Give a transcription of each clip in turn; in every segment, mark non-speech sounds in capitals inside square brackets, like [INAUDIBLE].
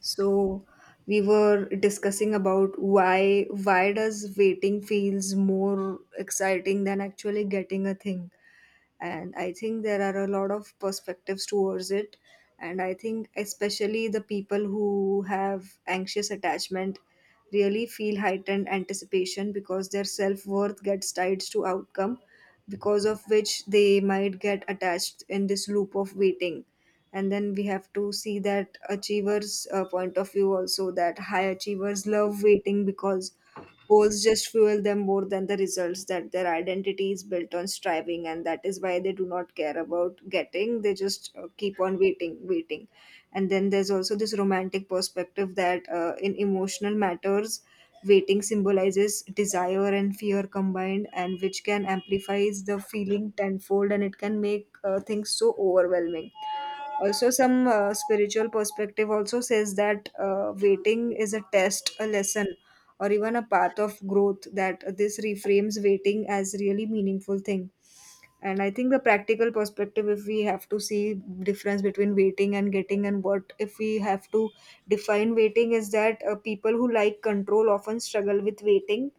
So we were discussing about why does waiting feels more exciting than actually getting a thing. And I think there are a lot of perspectives towards it. And I think especially the people who have anxious attachment really feel heightened anticipation because their self-worth gets tied to outcome, because of which they might get attached in this loop of waiting. And then we have to see that achievers point of view also, that high achievers love waiting because goals just fuel them more than the results, that their identity is built on striving, and that is why they do not care about getting. They just keep on waiting, waiting. And then there's also this romantic perspective that in emotional matters, waiting symbolizes desire and fear combined, and which can amplifies the feeling tenfold, and it can make things so overwhelming. Also some spiritual perspective also says that waiting is a test, a lesson, or even a path of growth, that this reframes waiting as really meaningful thing. And I think the practical perspective, if we have to see difference between waiting and getting, and what if we have to define waiting, is that people who like control often struggle with waiting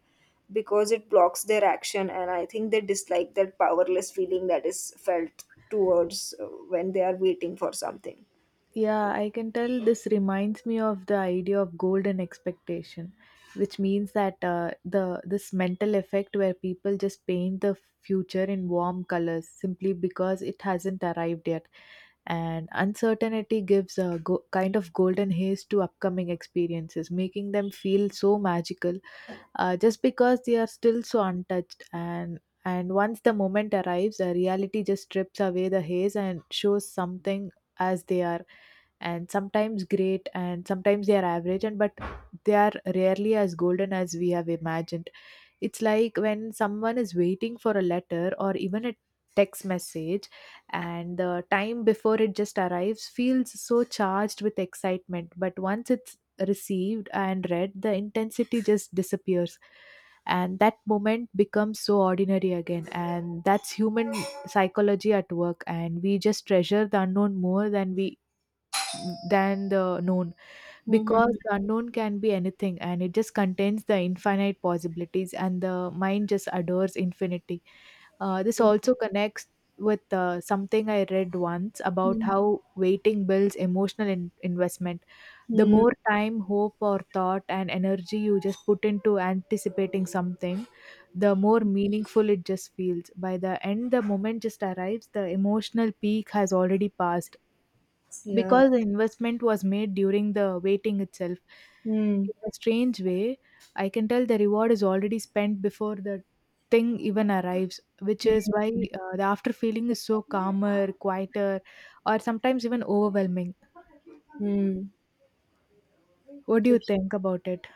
because it blocks their action, and I think they dislike that powerless feeling that is felt towards when they are waiting for something. Yeah, I can tell this reminds me of the idea of golden expectation, which means that the this mental effect where people just paint the future in warm colors simply because it hasn't arrived yet, and uncertainty gives a kind of golden haze to upcoming experiences, making them feel so magical, just because they are still so untouched. And once the moment arrives, reality just strips away the haze and shows something as they are, and sometimes great and sometimes they are average, and but they are rarely as golden as we have imagined. It's like when someone is waiting for a letter or even a text message, and the time before it just arrives feels so charged with excitement, but once it's received and read, the intensity just disappears, and that moment becomes so ordinary again. And that's human psychology at work, and we just treasure the unknown more than we than the known, because Mhm. the unknown can be anything and it just contains the infinite possibilities, and the mind just adores infinity. This also connects with something I read once about Mm. how waiting builds emotional investment. The Mm. more time, hope or thought and energy you just put into anticipating something, the more meaningful it just feels. By the end, the moment just arrives, the emotional peak has already passed, Yeah. because the investment was made during the waiting itself. Mm. In a strange way, I can tell the reward is already spent before the thing even arrives, which is why the after feeling is so calmer, quieter, or sometimes even overwhelming. Mm. What do Mm. you think about it?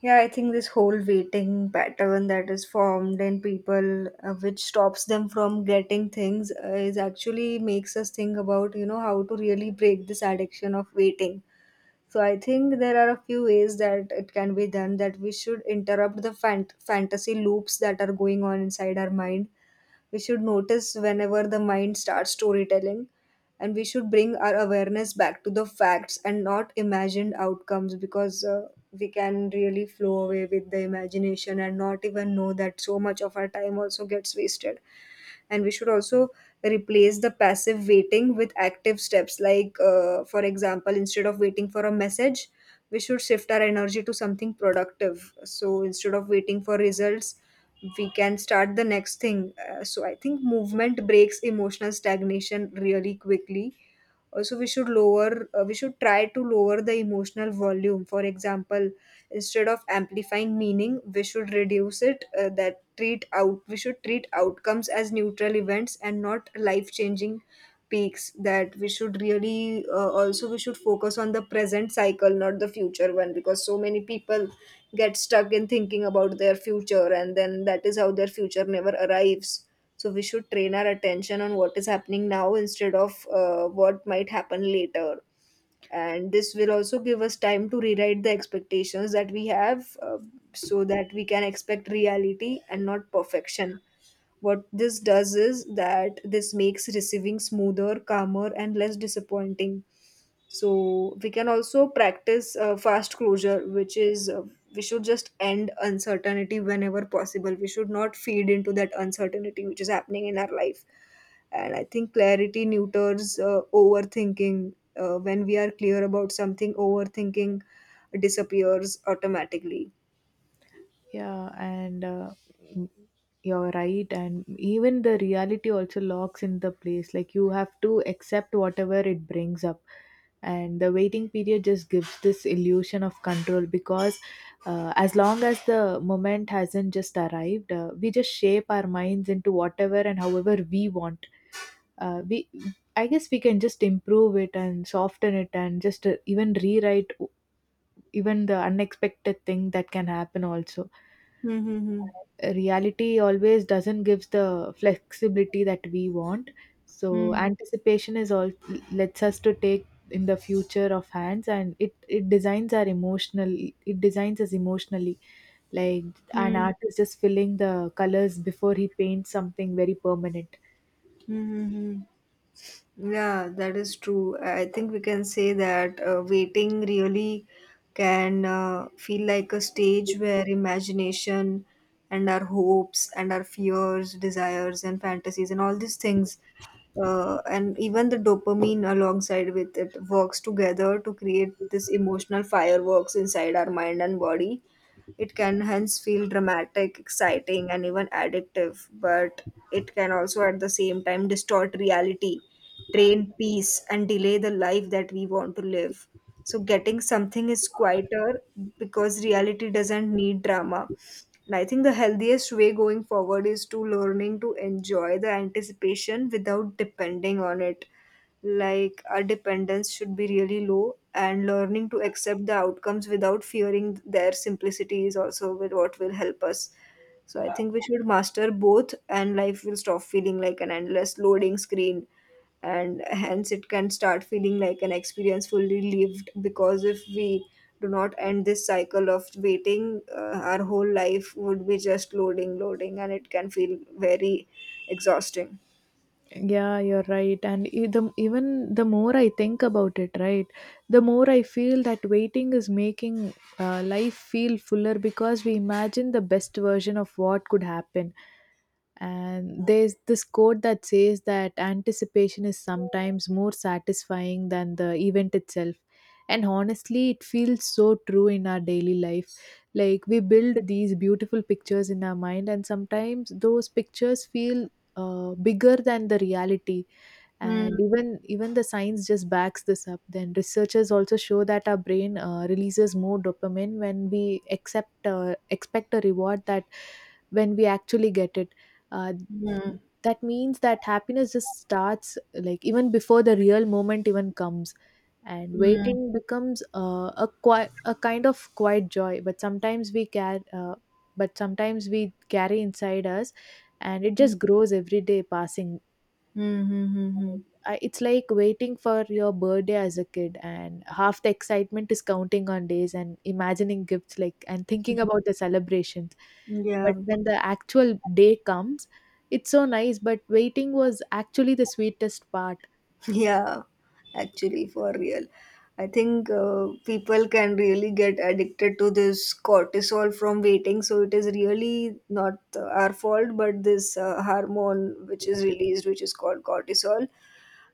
Yeah, I think this whole waiting pattern that is formed in people, which stops them from getting things, is actually makes us think about, you know, how to really break this addiction of waiting. So I think there are a few ways that it can be done, that we should interrupt the fantasy loops that are going on inside our mind. We should notice whenever the mind starts storytelling, and we should bring our awareness back to the facts and not imagined outcomes, because we can really flow away with the imagination and not even know that so much of our time also gets wasted. And we should also replace the passive waiting with active steps, like for example, instead of waiting for a message, we should shift our energy to something productive. So instead of waiting for results, we can start the next thing. So I think movement breaks emotional stagnation really quickly. Also, we should lower, we should try to lower the emotional volume. For example, instead of amplifying meaning, we should reduce it. That treat out, we should treat outcomes as neutral events and not life-changing peaks. That we should really also we should focus on the present cycle, not the future one, because so many people get stuck in thinking about their future, and then that is how their future never arrives. So we should train our attention on what is happening now instead of what might happen later. And this will also give us time to rewrite the expectations that we have, so that we can expect reality and not perfection. What this does is that this makes receiving smoother, calmer, and less disappointing. So we can also practice fast closure, which is we should just end uncertainty whenever possible. We should not feed into that uncertainty which is happening in our life. And I think clarity neuters overthinking. When we are clear about something, overthinking disappears automatically. Yeah, and m- you're right. And even the reality also locks in the place. Like you have to accept whatever it brings up. And the waiting period just gives this illusion of control, because as long as the moment hasn't just arrived, we just shape our minds into whatever and however we want. Uh, we, I guess we can just improve it and soften it and just even rewrite even the unexpected thing that can happen also. Hmm. Hmm. Reality always doesn't give the flexibility that we want, so Hmm. anticipation is all, lets us to take in the future of hands, and it designs our emotional it designs us emotionally, like Hmm. an Hmm. artist is filling the colors before he paints something very permanent. Hmm. Hmm. Yeah, that is true. I think we can say that waiting really can feel like a stage where imagination and our hopes and our fears, desires, and fantasies, and all these things, and even the dopamine alongside with it, works together to create this emotional fireworks inside our mind and body. It can hence feel dramatic, exciting, and even addictive, but it can also at the same time distort reality, train peace, and delay the life that we want to live. So getting something is quieter because reality doesn't need drama. And I think the healthiest way going forward is to learning to enjoy the anticipation without depending on it. Like our dependence should be really low, and learning to accept the outcomes without fearing their simplicity is also with what will help us. So I think we should master both and life will stop feeling like an endless loading screen, and hence it can start feeling like an experience fully lived, because if we do not end this cycle of waiting, our whole life would be just loading, loading, and it can feel very exhausting. Yeah, you're right. And even the more I think about it, right, the more I feel that waiting is making life feel fuller because we imagine the best version of what could happen. And there's this quote that says that anticipation is sometimes more satisfying than the event itself. And honestly, it feels so true in our daily life. Like we build these beautiful pictures in our mind, and sometimes those pictures feel bigger than the reality. And Hmm. even the science just backs this up. Then researchers also show that our brain releases more dopamine when we accept expect a reward that when we actually get it. uh, Hmm. that means that happiness just starts like even before the real moment even comes, and Hmm. waiting becomes a kind of quiet joy, but sometimes we carry inside us, and it Hmm. just grows every day passing. Hmm. Hmm. Hmm. I, it's like waiting for your birthday as a kid, and half the excitement is counting on days and imagining gifts like and thinking about the celebrations. Hmm. Yeah. But when the actual day comes, it's so nice, but waiting was actually the sweetest part. [LAUGHS] Yeah, actually, for real. I think people can really get addicted to this cortisol from waiting, so it is really not our fault, but this hormone which is released, which is called cortisol,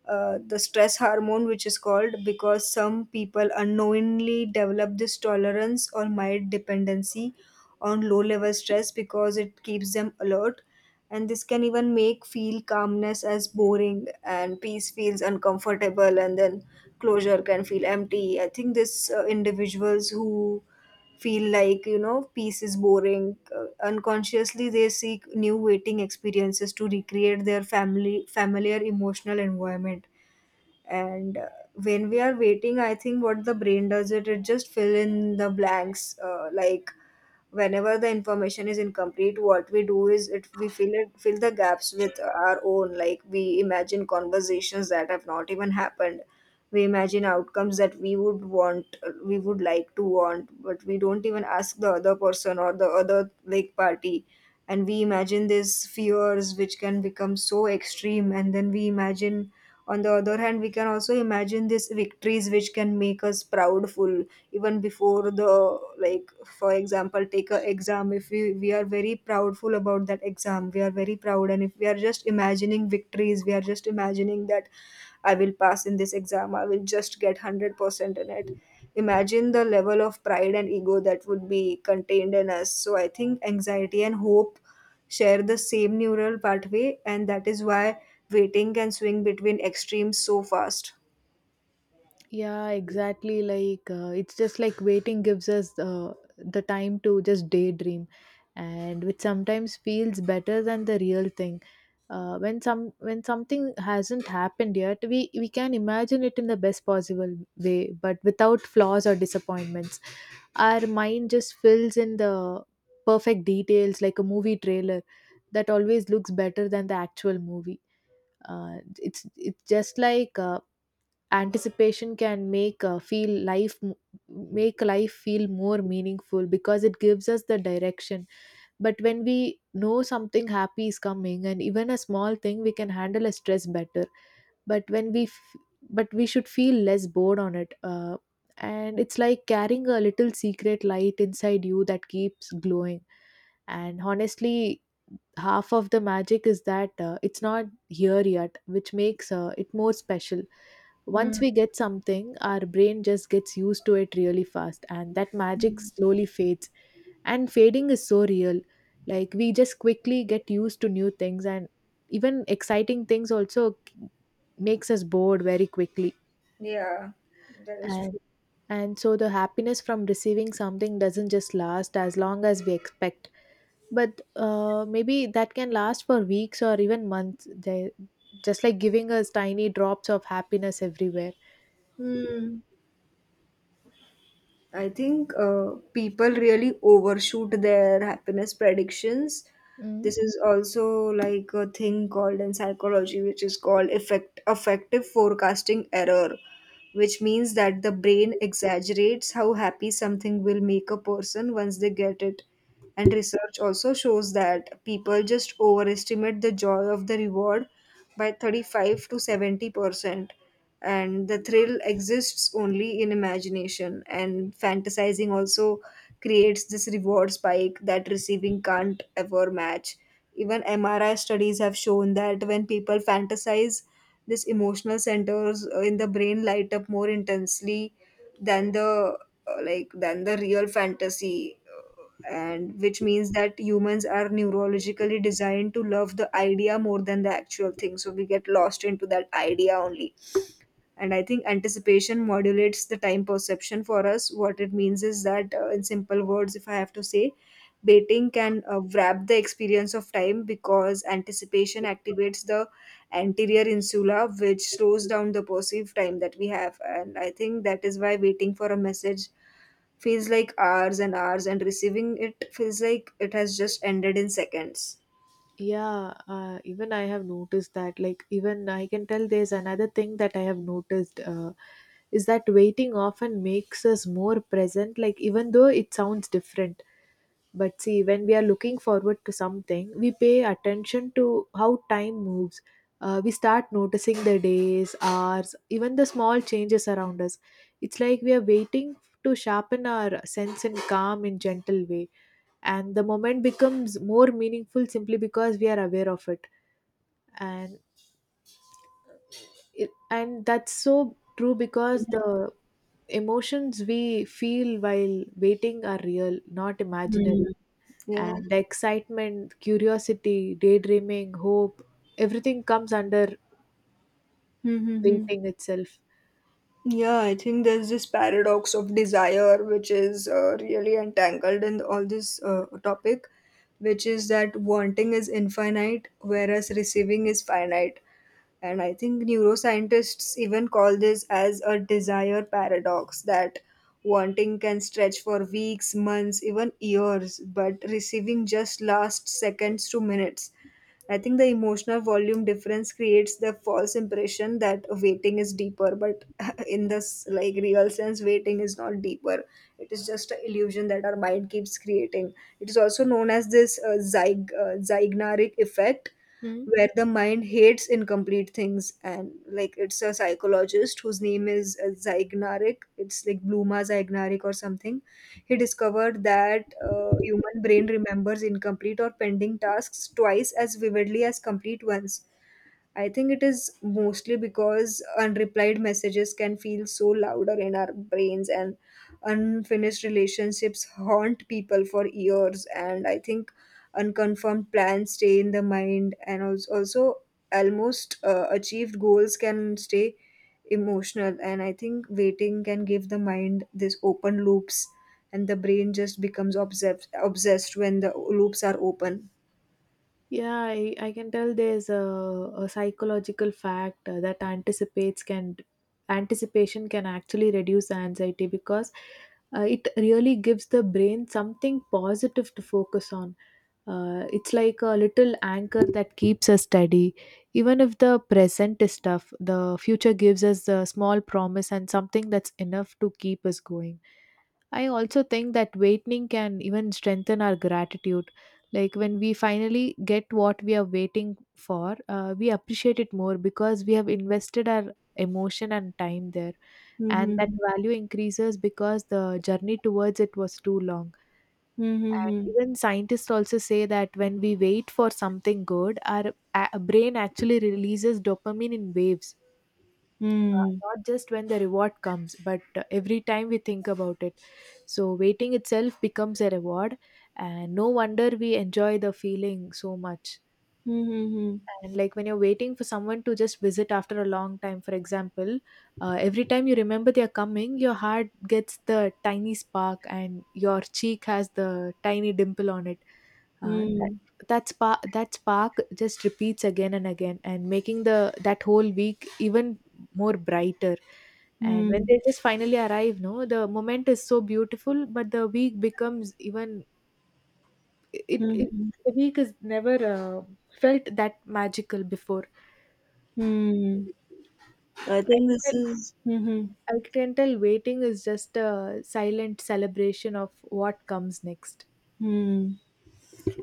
the stress hormone, which is called because some people unknowingly develop this tolerance or mild dependency on low level stress because it keeps them alert. And this can even make feel calmness as boring, and peace feels uncomfortable, and then closure can feel empty. I think this individuals who feel like, you know, peace is boring, unconsciously they seek new waiting experiences to recreate their family familiar emotional environment. And when we are waiting, I think what the brain does, it just fill in the blanks, like whenever the information is incomplete, what we do is it we fill the gaps with our own, like we imagine conversations that have not even happened, we imagine outcomes that we would want, we would like to want, but we don't even ask the other person or the other like party. And we imagine these fears which can become so extreme, and then we imagine, on the other hand, we can also imagine these victories which can make us proudful, even before the, like for example, take a exam. If we, we are very proudful about that exam, we are very proud, and if we are just imagining victories, we are just imagining that I will pass in this exam, I will just get 100% in it. Imagine the level of pride and ego that would be contained in us. So I think anxiety and hope share the same neural pathway, and that is why waiting can swing between extremes so fast. Yeah, exactly. Like it's just like waiting gives us the time to just daydream, and which sometimes feels better than the real thing. When something hasn't happened yet, we can imagine it in the best possible way, but without flaws or disappointments. Our mind just fills in the perfect details, like a movie trailer that always looks better than the actual movie. It's just like anticipation can make life feel more meaningful because it gives us the direction. But when we know something happy is coming, and even a small thing, we can handle a stress better. But when we f- but we should feel less bored on it. And it's like carrying a little secret light inside you that keeps glowing. And honestly, half of the magic is that it's not here yet, which makes it more special. Mm. Once we get something, our brain just gets used to it really fast, and that magic slowly fades. And fading is so real. Like, we just quickly get used to new things, and even exciting things also makes us bored very quickly. Yeah, that is true. And and so the happiness from receiving something doesn't just last as long as we expect, but maybe that can last for weeks or even months. They just like giving us tiny drops of happiness everywhere. Hmm. I think people really overshoot their happiness predictions. Mm. This is also like a thing called in psychology, which is called effective forecasting error, which means that the brain exaggerates how happy something will make a person once they get it. And research also shows that people just overestimate the joy of the reward by 35 to 70%. And the thrill exists only in imagination, and fantasizing also creates this reward spike that receiving can't ever match. Even mri studies have shown that when people fantasize, this emotional centers in the brain light up more intensely than the, than the real fantasy. And which means that humans are neurologically designed to love the idea more than the actual thing, so we get lost into that idea only. And I think anticipation modulates the time perception for us. What it means is that, in simple words, if I have to say, baiting can wrap the experience of time because anticipation activates the anterior insula, which slows down the perceived time that we have. And I think that is why waiting for a message feels like hours and hours, and receiving it feels like it has just ended in seconds. Yeah, even I have noticed that. Like, even I can tell there's another thing that I have noticed, is that waiting often makes us more present, like, even though it sounds different. But see, when we are looking forward to something, we pay attention to how time moves. We start noticing the days, hours, even the small changes around us. It's like we are waiting to sharpen our sense and calm in gentle way. And the moment becomes more meaningful simply because we are aware of it. And that's so true because the emotions we feel while waiting are real, not Hmm. imaginary. Yeah. And excitement, curiosity, daydreaming, hope, everything comes under Hmm, hmm, hmm. waiting itself. Yeah, I think there's this paradox of desire, which is really entangled in all this topic, which is that wanting is infinite, whereas receiving is finite. And I think neuroscientists even call this as a desire paradox that wanting can stretch for weeks, months, even years, but receiving just lasts seconds to minutes. I think the emotional volume difference creates the false impression that waiting is deeper, but [LAUGHS] in this like real sense, waiting is not deeper. It is just an illusion that our mind keeps creating. It is also known as this zygnaric effect, Hmm? where the mind hates incomplete things, and like it's a psychologist whose name is Zeignarek. It's like Bluma Zeignarek or something. He discovered that human brain remembers incomplete or pending tasks twice as vividly as complete ones. I think it is mostly because unreplied messages can feel so louder in our brains, and unfinished relationships haunt people for years, and I think unconfirmed plans stay in the mind, and also, also almost achieved goals can stay emotional. And I think waiting can give the mind this open loops, and the brain just becomes obsessed when the loops are open. Yeah, I can tell there's a psychological fact that anticipates can anticipation can actually reduce anxiety because it really gives the brain something positive to focus on. It's like a little anchor that keeps us steady. Even if the present is tough, the future gives us a small promise and something that's enough to keep us going. I also think that waiting can even strengthen our gratitude. Like when we finally get what we are waiting for, we appreciate it more because we have invested our emotion and time there, and that Mm-hmm. value increases because the journey towards it was too long. Mm-hmm. And even scientists also say that when we wait for something good, our brain actually releases dopamine in waves, not just when the reward comes but every time we think about it. So waiting itself becomes a reward, and no wonder we enjoy the feeling so much. Mhm, And like when you're waiting for someone to just visit after a long time, for example, every time you remember they're coming, your heart gets the tiny spark and your cheek has the tiny dimple on it. Uh, that, mhm, that spark just repeats again and again, and making the that whole week even more brighter. And when mhm, they just finally arrive, no, the moment is so beautiful, but the week becomes even it, it mhm, the week is never felt that magical before. mhm. I I think can this tell, is mhm, I can tell waiting is just a silent celebration of what comes next. mhm.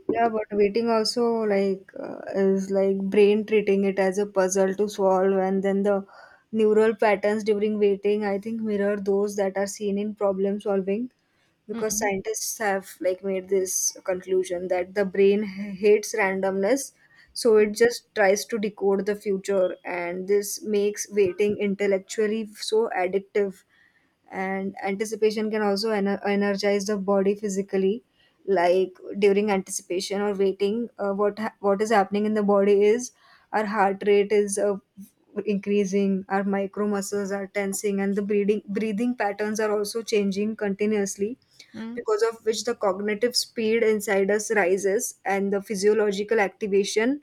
Yeah, but waiting also is like brain treating it as a puzzle to solve, and then the neural patterns during waiting, I think, mirror those that are seen in problem solving, because Mm-mm. scientists have like made this conclusion that the brain hates randomness, so it just tries to decode the future, and this makes waiting intellectually so addictive, and anticipation can also energize the body physically like during anticipation or waiting, what is happening in the body is our heart rate is increasing, our micro muscles are tensing, and the breathing patterns are also changing continuously, because of which the cognitive speed inside us rises and the physiological activation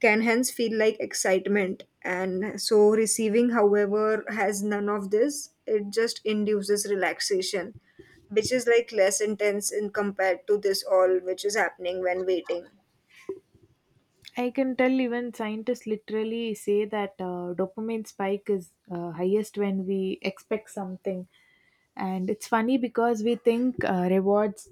can hence feel like excitement. And so, receiving, however, has none of this. It just induces relaxation, which is like less intense in compared to this all which is happening when waiting. I can tell even scientists literally say that dopamine spike is highest when we expect something. And it's funny because we think uh, rewards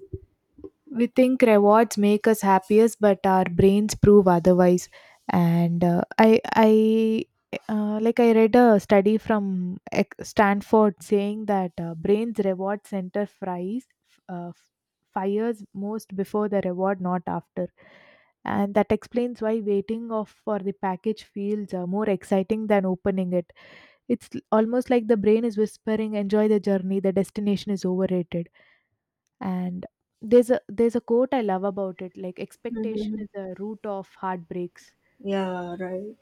we think rewards make us happiest, but our brains prove otherwise. And I like I read a study from Stanford saying that brains reward center fries uh, fires most before the reward, not after. And that explains why waiting of for the package feels more exciting than opening it. It's almost like the brain is whispering, enjoy the journey, the destination is overrated. And there's a quote I love about it, like expectation Mm-hmm. is the root of heartbreaks. Yeah, right.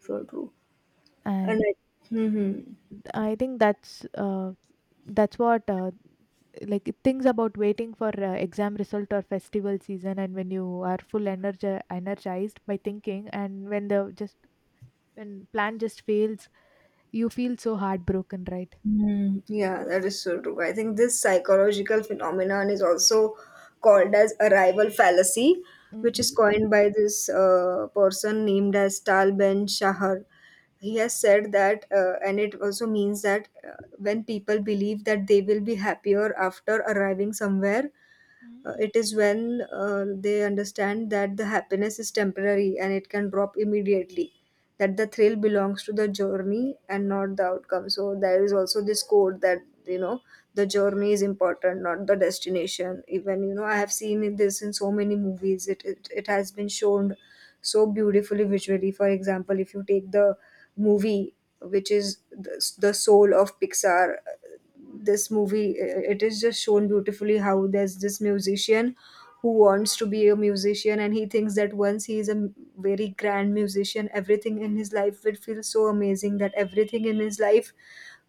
So true. And And I, mhm. I think that's what like things about waiting for exam result or festival season, and when you are full energized by thinking, and when the just when plan just fails, you feel so heartbroken, right? Mm, yeah, that is so true. I think this psychological phenomenon is also called as arrival fallacy, which Mm-mm. is coined by this person named as Tal Ben Shahar. He has said that, and it also means that when people believe that they will be happier after arriving somewhere, Mm. It is when they understand that the happiness is temporary and it can drop immediately, that the thrill belongs to the journey and not the outcome. So there is also this quote that, you know, the journey is important, not the destination. Even, you know, I have this in so many movies. It has been shown so beautifully visually. For example, if you take the movie which is the soul of Pixar, this movie it is just shown beautifully how there's this musician who wants to be a musician, and he thinks that once he is very grand musician, everything in his life will feel so amazing, that everything in his life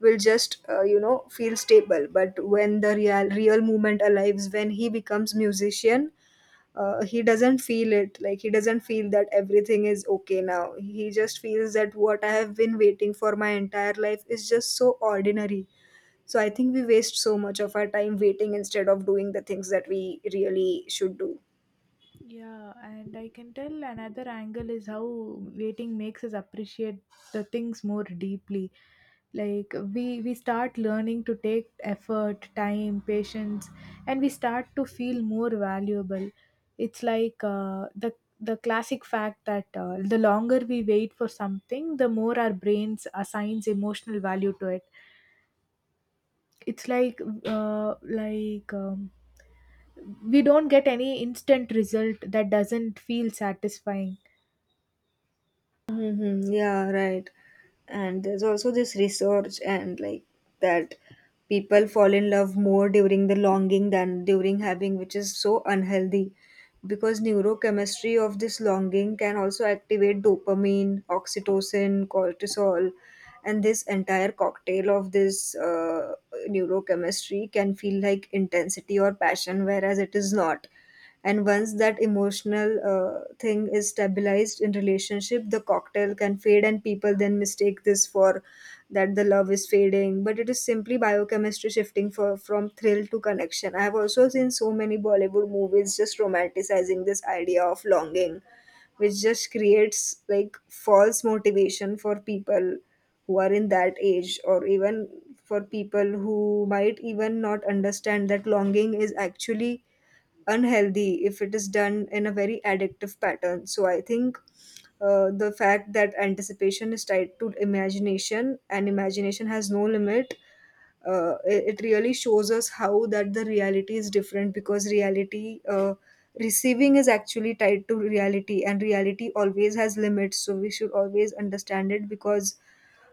will just, you know, feel stable. But when the real moment arrives, when he becomes musician, he doesn't feel it. Like he doesn't feel that everything is okay now. He just feels that what I have been waiting for my entire life is just so ordinary. So I think we waste so much of our time waiting instead of doing the things that we really should do. Yeah, and I can tell another angle is how waiting makes us appreciate the things more deeply. Like we start learning to take effort, time, patience, and we start to feel more valuable. It's like the classic fact that the longer we wait for something, the more our brains assigns emotional value to it. It's like uh, like um, we don't get any instant result that doesn't feel satisfying. Mm-hmm. Yeah, right. And there's also this research and like that people fall in love more during the longing than during having, which is so unhealthy, because neurochemistry of this longing can also activate dopamine, oxytocin, cortisol, and this entire cocktail of this neurochemistry can feel like intensity or passion, whereas it is not. And once that emotional thing is stabilized in relationship, the cocktail can fade and people then mistake this for that the love is fading, but it is simply biochemistry shifting for, from thrill to connection. I have also seen so many Bollywood movies just romanticizing this idea of longing, which just creates like false motivation for people who are in that age, or even for people who might even not understand that longing is actually unhealthy if it is done in a very addictive pattern. So I think, the fact that anticipation is tied to imagination and imagination has no limit, it really shows us how that the reality is different, because reality, receiving is actually tied to reality, and reality always has limits, so we should always understand it. Because,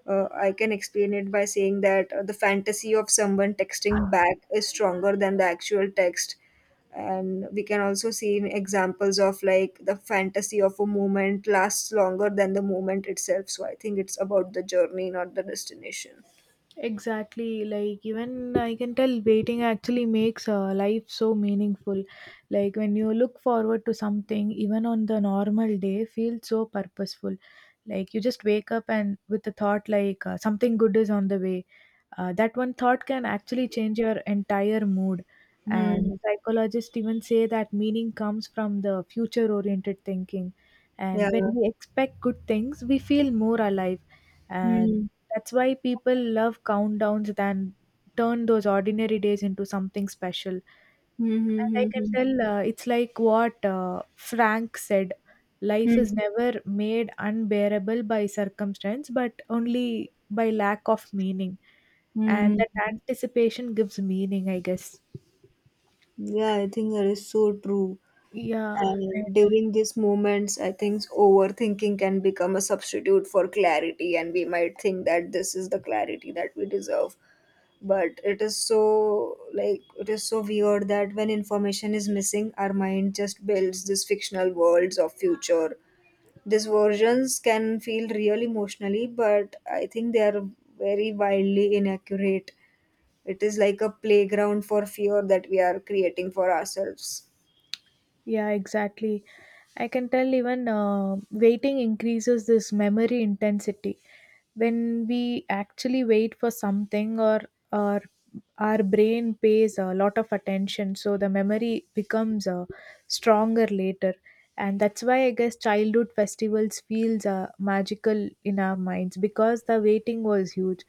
I can explain it by saying that, the fantasy of someone texting back is stronger than the actual text. And we can also see in examples of like the fantasy of a moment lasts longer than the moment itself. So I think it's about the journey, not the destination. Exactly, like even I can tell waiting actually makes life so meaningful. Like when you look forward to something, even on the normal day, feels so purposeful. Like you just wake up and with the thought like something good is on the way. That one thought can actually change your entire mood. And Hmm. psychologists even say that meaning comes from the future oriented thinking. Yeah. And when we expect good things, we feel more alive, and Hmm. that's why people love countdowns than turn those ordinary days into something special. And Hmm, hmm, I hmm, can hmm. tell it's like what Frank said life Hmm, is never made unbearable by circumstance, but only by lack of meaning. And hmm. that anticipation gives meaning, I guess. Yeah, I think that is so true. Yeah, And during these moments, I think overthinking can become a substitute for clarity, and we might think that this is the clarity that we deserve. But it is so like it is so weird that when information is missing, our mind just builds these fictional worlds of future. These versions can feel real emotionally, but I think they are very wildly inaccurate. It is like a playground for fear that we are creating for ourselves. Exactly. I can tell even waiting increases this memory intensity. When we actually wait for something or our brain pays a lot of attention, so the memory becomes stronger later. And that's why I guess childhood festivals feels magical in our minds because the waiting was huge,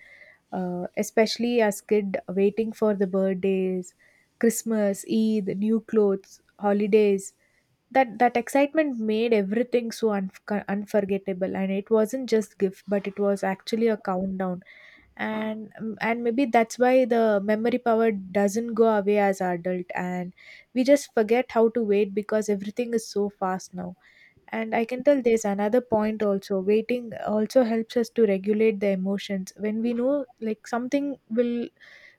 especially as kid waiting for the birthdays, Christmas, Eid, new clothes, holidays. That excitement made everything so unforgettable, and it wasn't just gift, but it was actually a countdown. And maybe that's why the memory power doesn't go away as adult, and we just forget how to wait because everything is so fast now. And I can tell there's another point also. Waiting also helps us to regulate the emotions. When we know like something will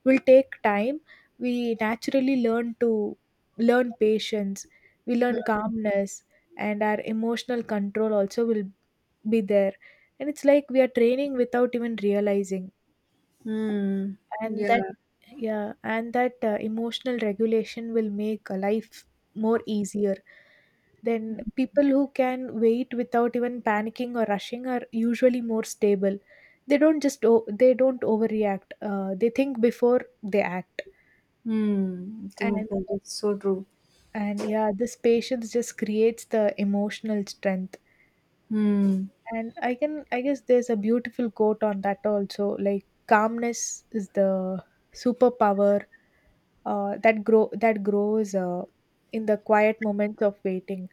will take time, we naturally learn to learn patience, we learn calmness, and our emotional control also will be there. And it's like we are training without even realizing. Hmm. And that Yeah. yeah, and that emotional regulation will make life more easier. Then people who can wait without even panicking or rushing are usually more stable. They don't overreact, they think before they act. Hmm. I think and that is so true. and yeah, this patience just creates the emotional strength. Hmm. And I can, I guess there's a beautiful quote on that also, like calmness is the superpower that grows in the quiet moments of waiting.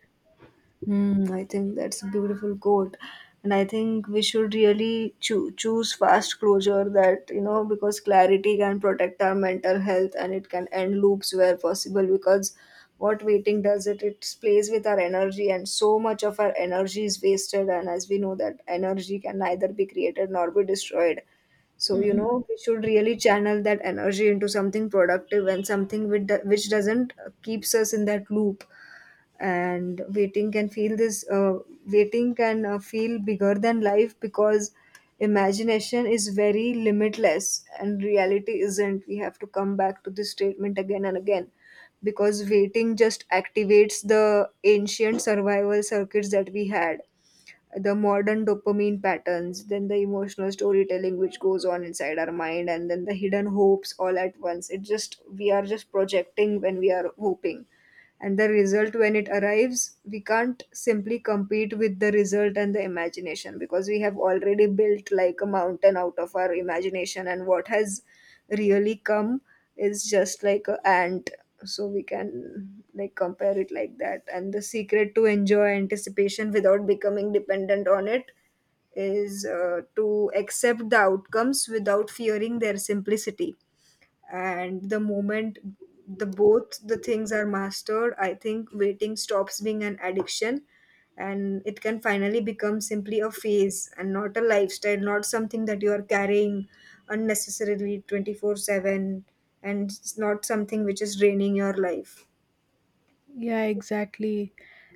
Hmm, I think that's a beautiful quote. And I think we should really choose fast closure that, you know, because clarity can protect our mental health and it can end loops where possible. Because what waiting does, it plays with our energy, and so much of our energy is wasted. And as we know, that energy can neither be created nor be destroyed. So, you Mm-mm. know, we should really channel that energy into something productive, and something with which doesn't, keeps us in that loop. And waiting can feel this waiting can, feel bigger than life, because imagination is very limitless and reality isn't. We have to come back to this statement again and again, because waiting just activates the ancient survival circuits that we had, the modern dopamine patterns, then the emotional storytelling which goes on inside our mind, and then the hidden hopes, all at once. It just, we are just projecting when we are hoping, and the result, when it arrives, we can't simply compete with the result and the imagination, because we have already built like a mountain out of our imagination, and what has really come is just like a ant. So we can like compare it like that. And the secret to enjoy anticipation without becoming dependent on it is, to accept the outcomes without fearing their simplicity. And the moment the both the things are mastered, I think waiting stops being an addiction, and it can finally become simply a phase and not a lifestyle, not something that you are carrying unnecessarily 24/7, and it's not something which is draining your life. Yeah, exactly.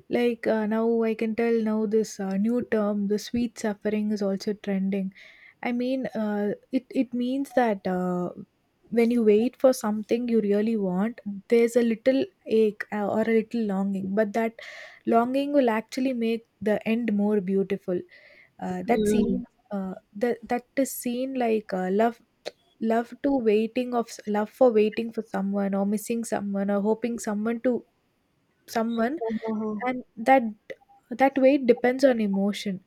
Like now, I can tell now this new term, the sweet suffering, is also trending. I mean, it means that when you wait for something you really want, there's a little ache or a little longing, but that longing will actually make the end more beautiful. That Mm. scene, that is seen like love for waiting for someone or missing someone or hoping someone. Oh. And that weight depends on emotion.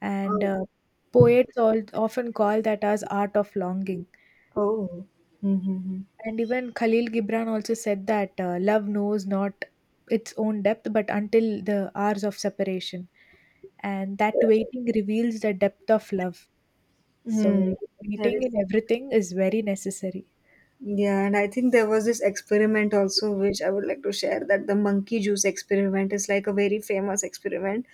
and Oh, uh, poets all often call that as art of longing. oh. Mm-hmm. And even Khalil Gibran also said that love knows not its own depth but until the hours of separation, and that waiting reveals the depth of love. So Hmm. That waiting is, in everything is very necessary. yeah, and I think there was this experiment also, which I would like to share, that the monkey juice experiment is like a very famous experiment.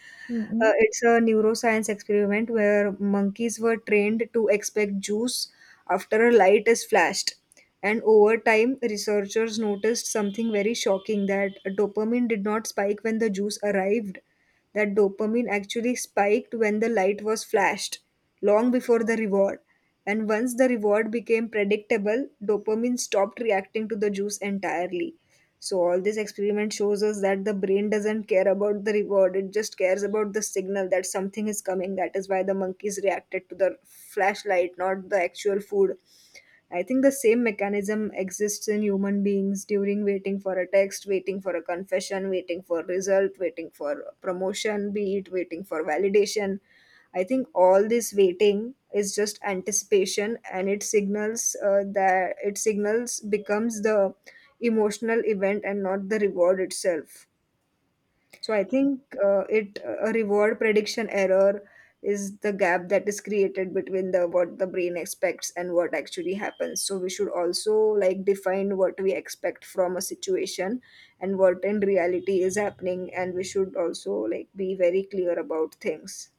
Mhm. It's a neuroscience experiment where monkeys were trained to expect juice after a light is flashed. And over time, researchers noticed something very shocking, that dopamine did not spike when the juice arrived, that dopamine actually spiked when the light was flashed, long before the reward. And once the reward became predictable, dopamine stopped reacting to the juice entirely. So, all this experiment shows us that the brain doesn't care about the reward, it just cares about the signal that something is coming. That is why the monkeys reacted to the flashlight, not the actual food. I think the same mechanism exists in human beings during waiting for a text, waiting for a confession, waiting for result, waiting for promotion, be it waiting for validation. I think all this waiting is just anticipation, and it signals, that it signals becomes the emotional event and not the reward itself. So I think, it, a reward prediction error is the gap that is created between the what the brain expects and what actually happens. So we should also like define what we expect from a situation and what in reality is happening, and we should also like be very clear about things.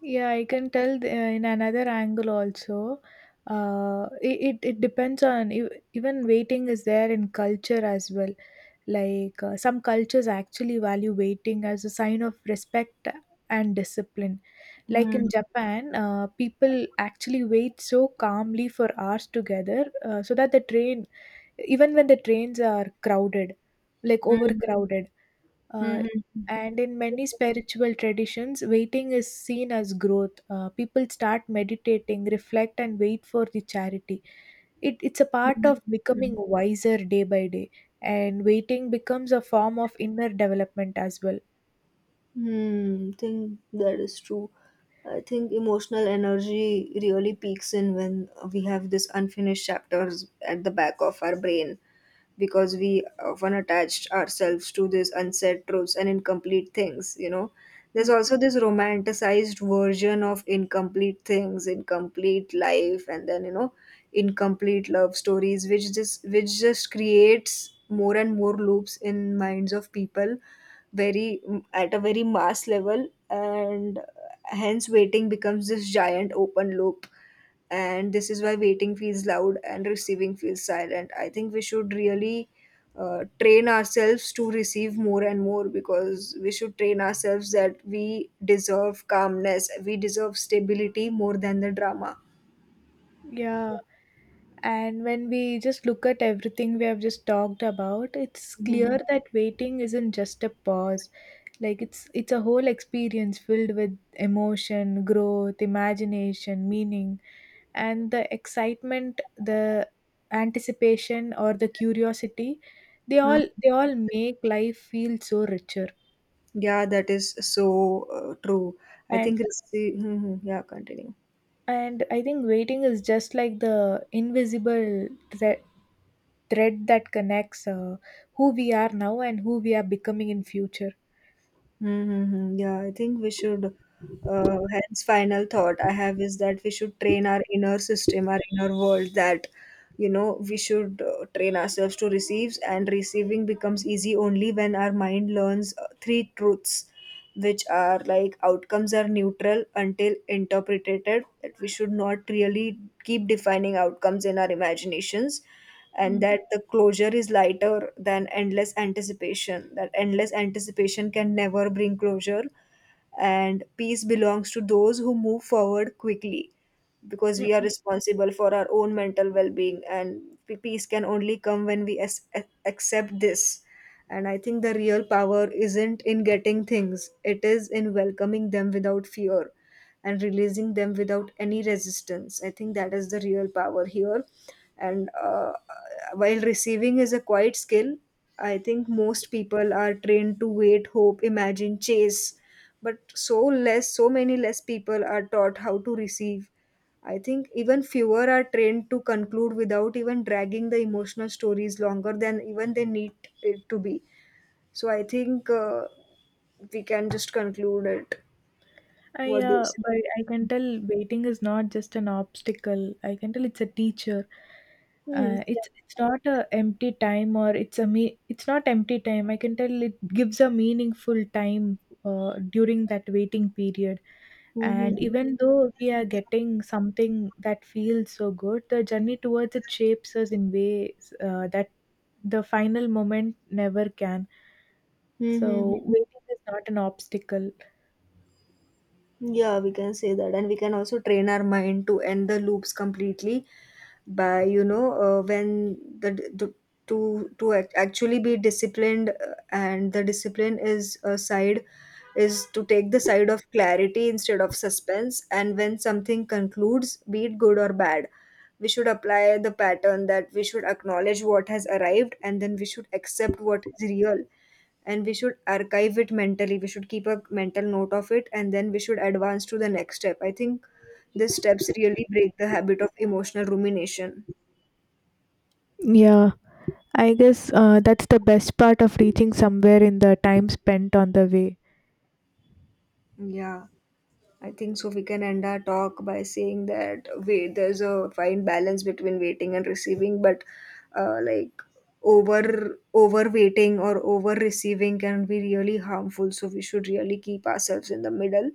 Yeah, I can tell the, in another angle also. It depends on even waiting is there in culture as well. Like some cultures actually value waiting as a sign of respect and discipline. Like Hmm. in Japan, people actually wait so calmly for hours together so that the train, even when the trains are crowded, like Hmm. overcrowded, uh, Hmm. Hmm. and in many spiritual traditions, waiting is seen as growth. People start meditating, reflect, and wait for the charity. It's a Hmm. part of becoming Hmm. wiser day by day, and waiting becomes a form of inner development as well. Hmm, think that is true. I think emotional energy really peaks in when we have this unfinished chapters at the back of our brain, because we often attached ourselves to these unsaid truths and incomplete things, you know. There's Mm, also this romanticized version of incomplete things, incomplete life, and then, you know, incomplete love stories, which just, which just creates more and more loops in minds of people, very at a very mass level. And hence waiting becomes this giant open loop, and this is why waiting feels loud and receiving feels silent. I think we should really, train ourselves to receive more and more, because we should train ourselves that we deserve calmness, we deserve stability more than the drama. yeah. And when we just look at everything we have just talked about, it's Mm-hmm. clear that waiting isn't just a pause. Like it's a whole experience filled with emotion, growth, imagination, meaning, and the excitement, the anticipation or the curiosity, they all make life feel so richer. Yeah, that is so true. I And think, rece-, mhm, yeah, continue. and I think waiting is just like the invisible thre- thread that connects who we are now and who we are becoming in future. Mm-hmm. Yeah, I think we should. Hence, final thought I have is that we should train our inner system, our inner world, that you know we should train ourselves to receive, and receiving becomes easy only when our mind learns three truths, which are like outcomes are neutral until interpreted, that we should not really keep defining outcomes in our imaginations, and Mm, that the closure is lighter than endless anticipation, that endless anticipation can never bring closure, and peace belongs to those who move forward quickly, because we are mm. responsible for our own mental well-being, and peace can only come when we accept this. And I think the real power isn't in getting things, it is in welcoming them without fear and releasing them without any resistance. I think that is the real power here. And while receiving is a quiet skill, I think most people are trained to wait, hope, imagine, chase. But so less, so many less people are taught how to receive. I think even fewer are trained to conclude without even dragging the emotional stories longer than even they need it to be. So I think, we can just conclude it. I What do you say? but I can tell waiting is not just an obstacle. I can tell it's a teacher. Hmm. Yeah. It's not a empty time or it's a me. It's not empty time. I can tell it gives a meaningful time during that waiting period. And Mm-hmm. even though we are getting something that feels so good, the journey towards it shapes us in ways that the final moment never can. So Mm-hmm. waiting is not an obstacle. Yeah, we can say that, and we can also train our mind to end the loops completely by, you know, when the, to actually be disciplined, and the discipline is a side, is to take the side of clarity instead of suspense, and when something concludes, be it good or bad, we should apply the pattern that we should acknowledge what has arrived, and then we should accept what is real, and we should archive it mentally, we should keep a mental note of it, and then we should advance to the next step. I think these steps really break the habit of emotional rumination. Yeah, I guess that's the best part of reaching somewhere in the time spent on the way. Yeah, I think so, we can end our talk by saying that wait there's a fine balance between waiting and receiving, but, uh, like over waiting or over receiving can be really harmful, so we should really keep ourselves in the middle,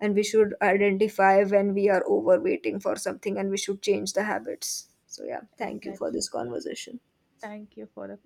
and we should identify when we are over waiting for something, and we should change the habits. So yeah, thank you for Exactly. this conversation. Thank you for the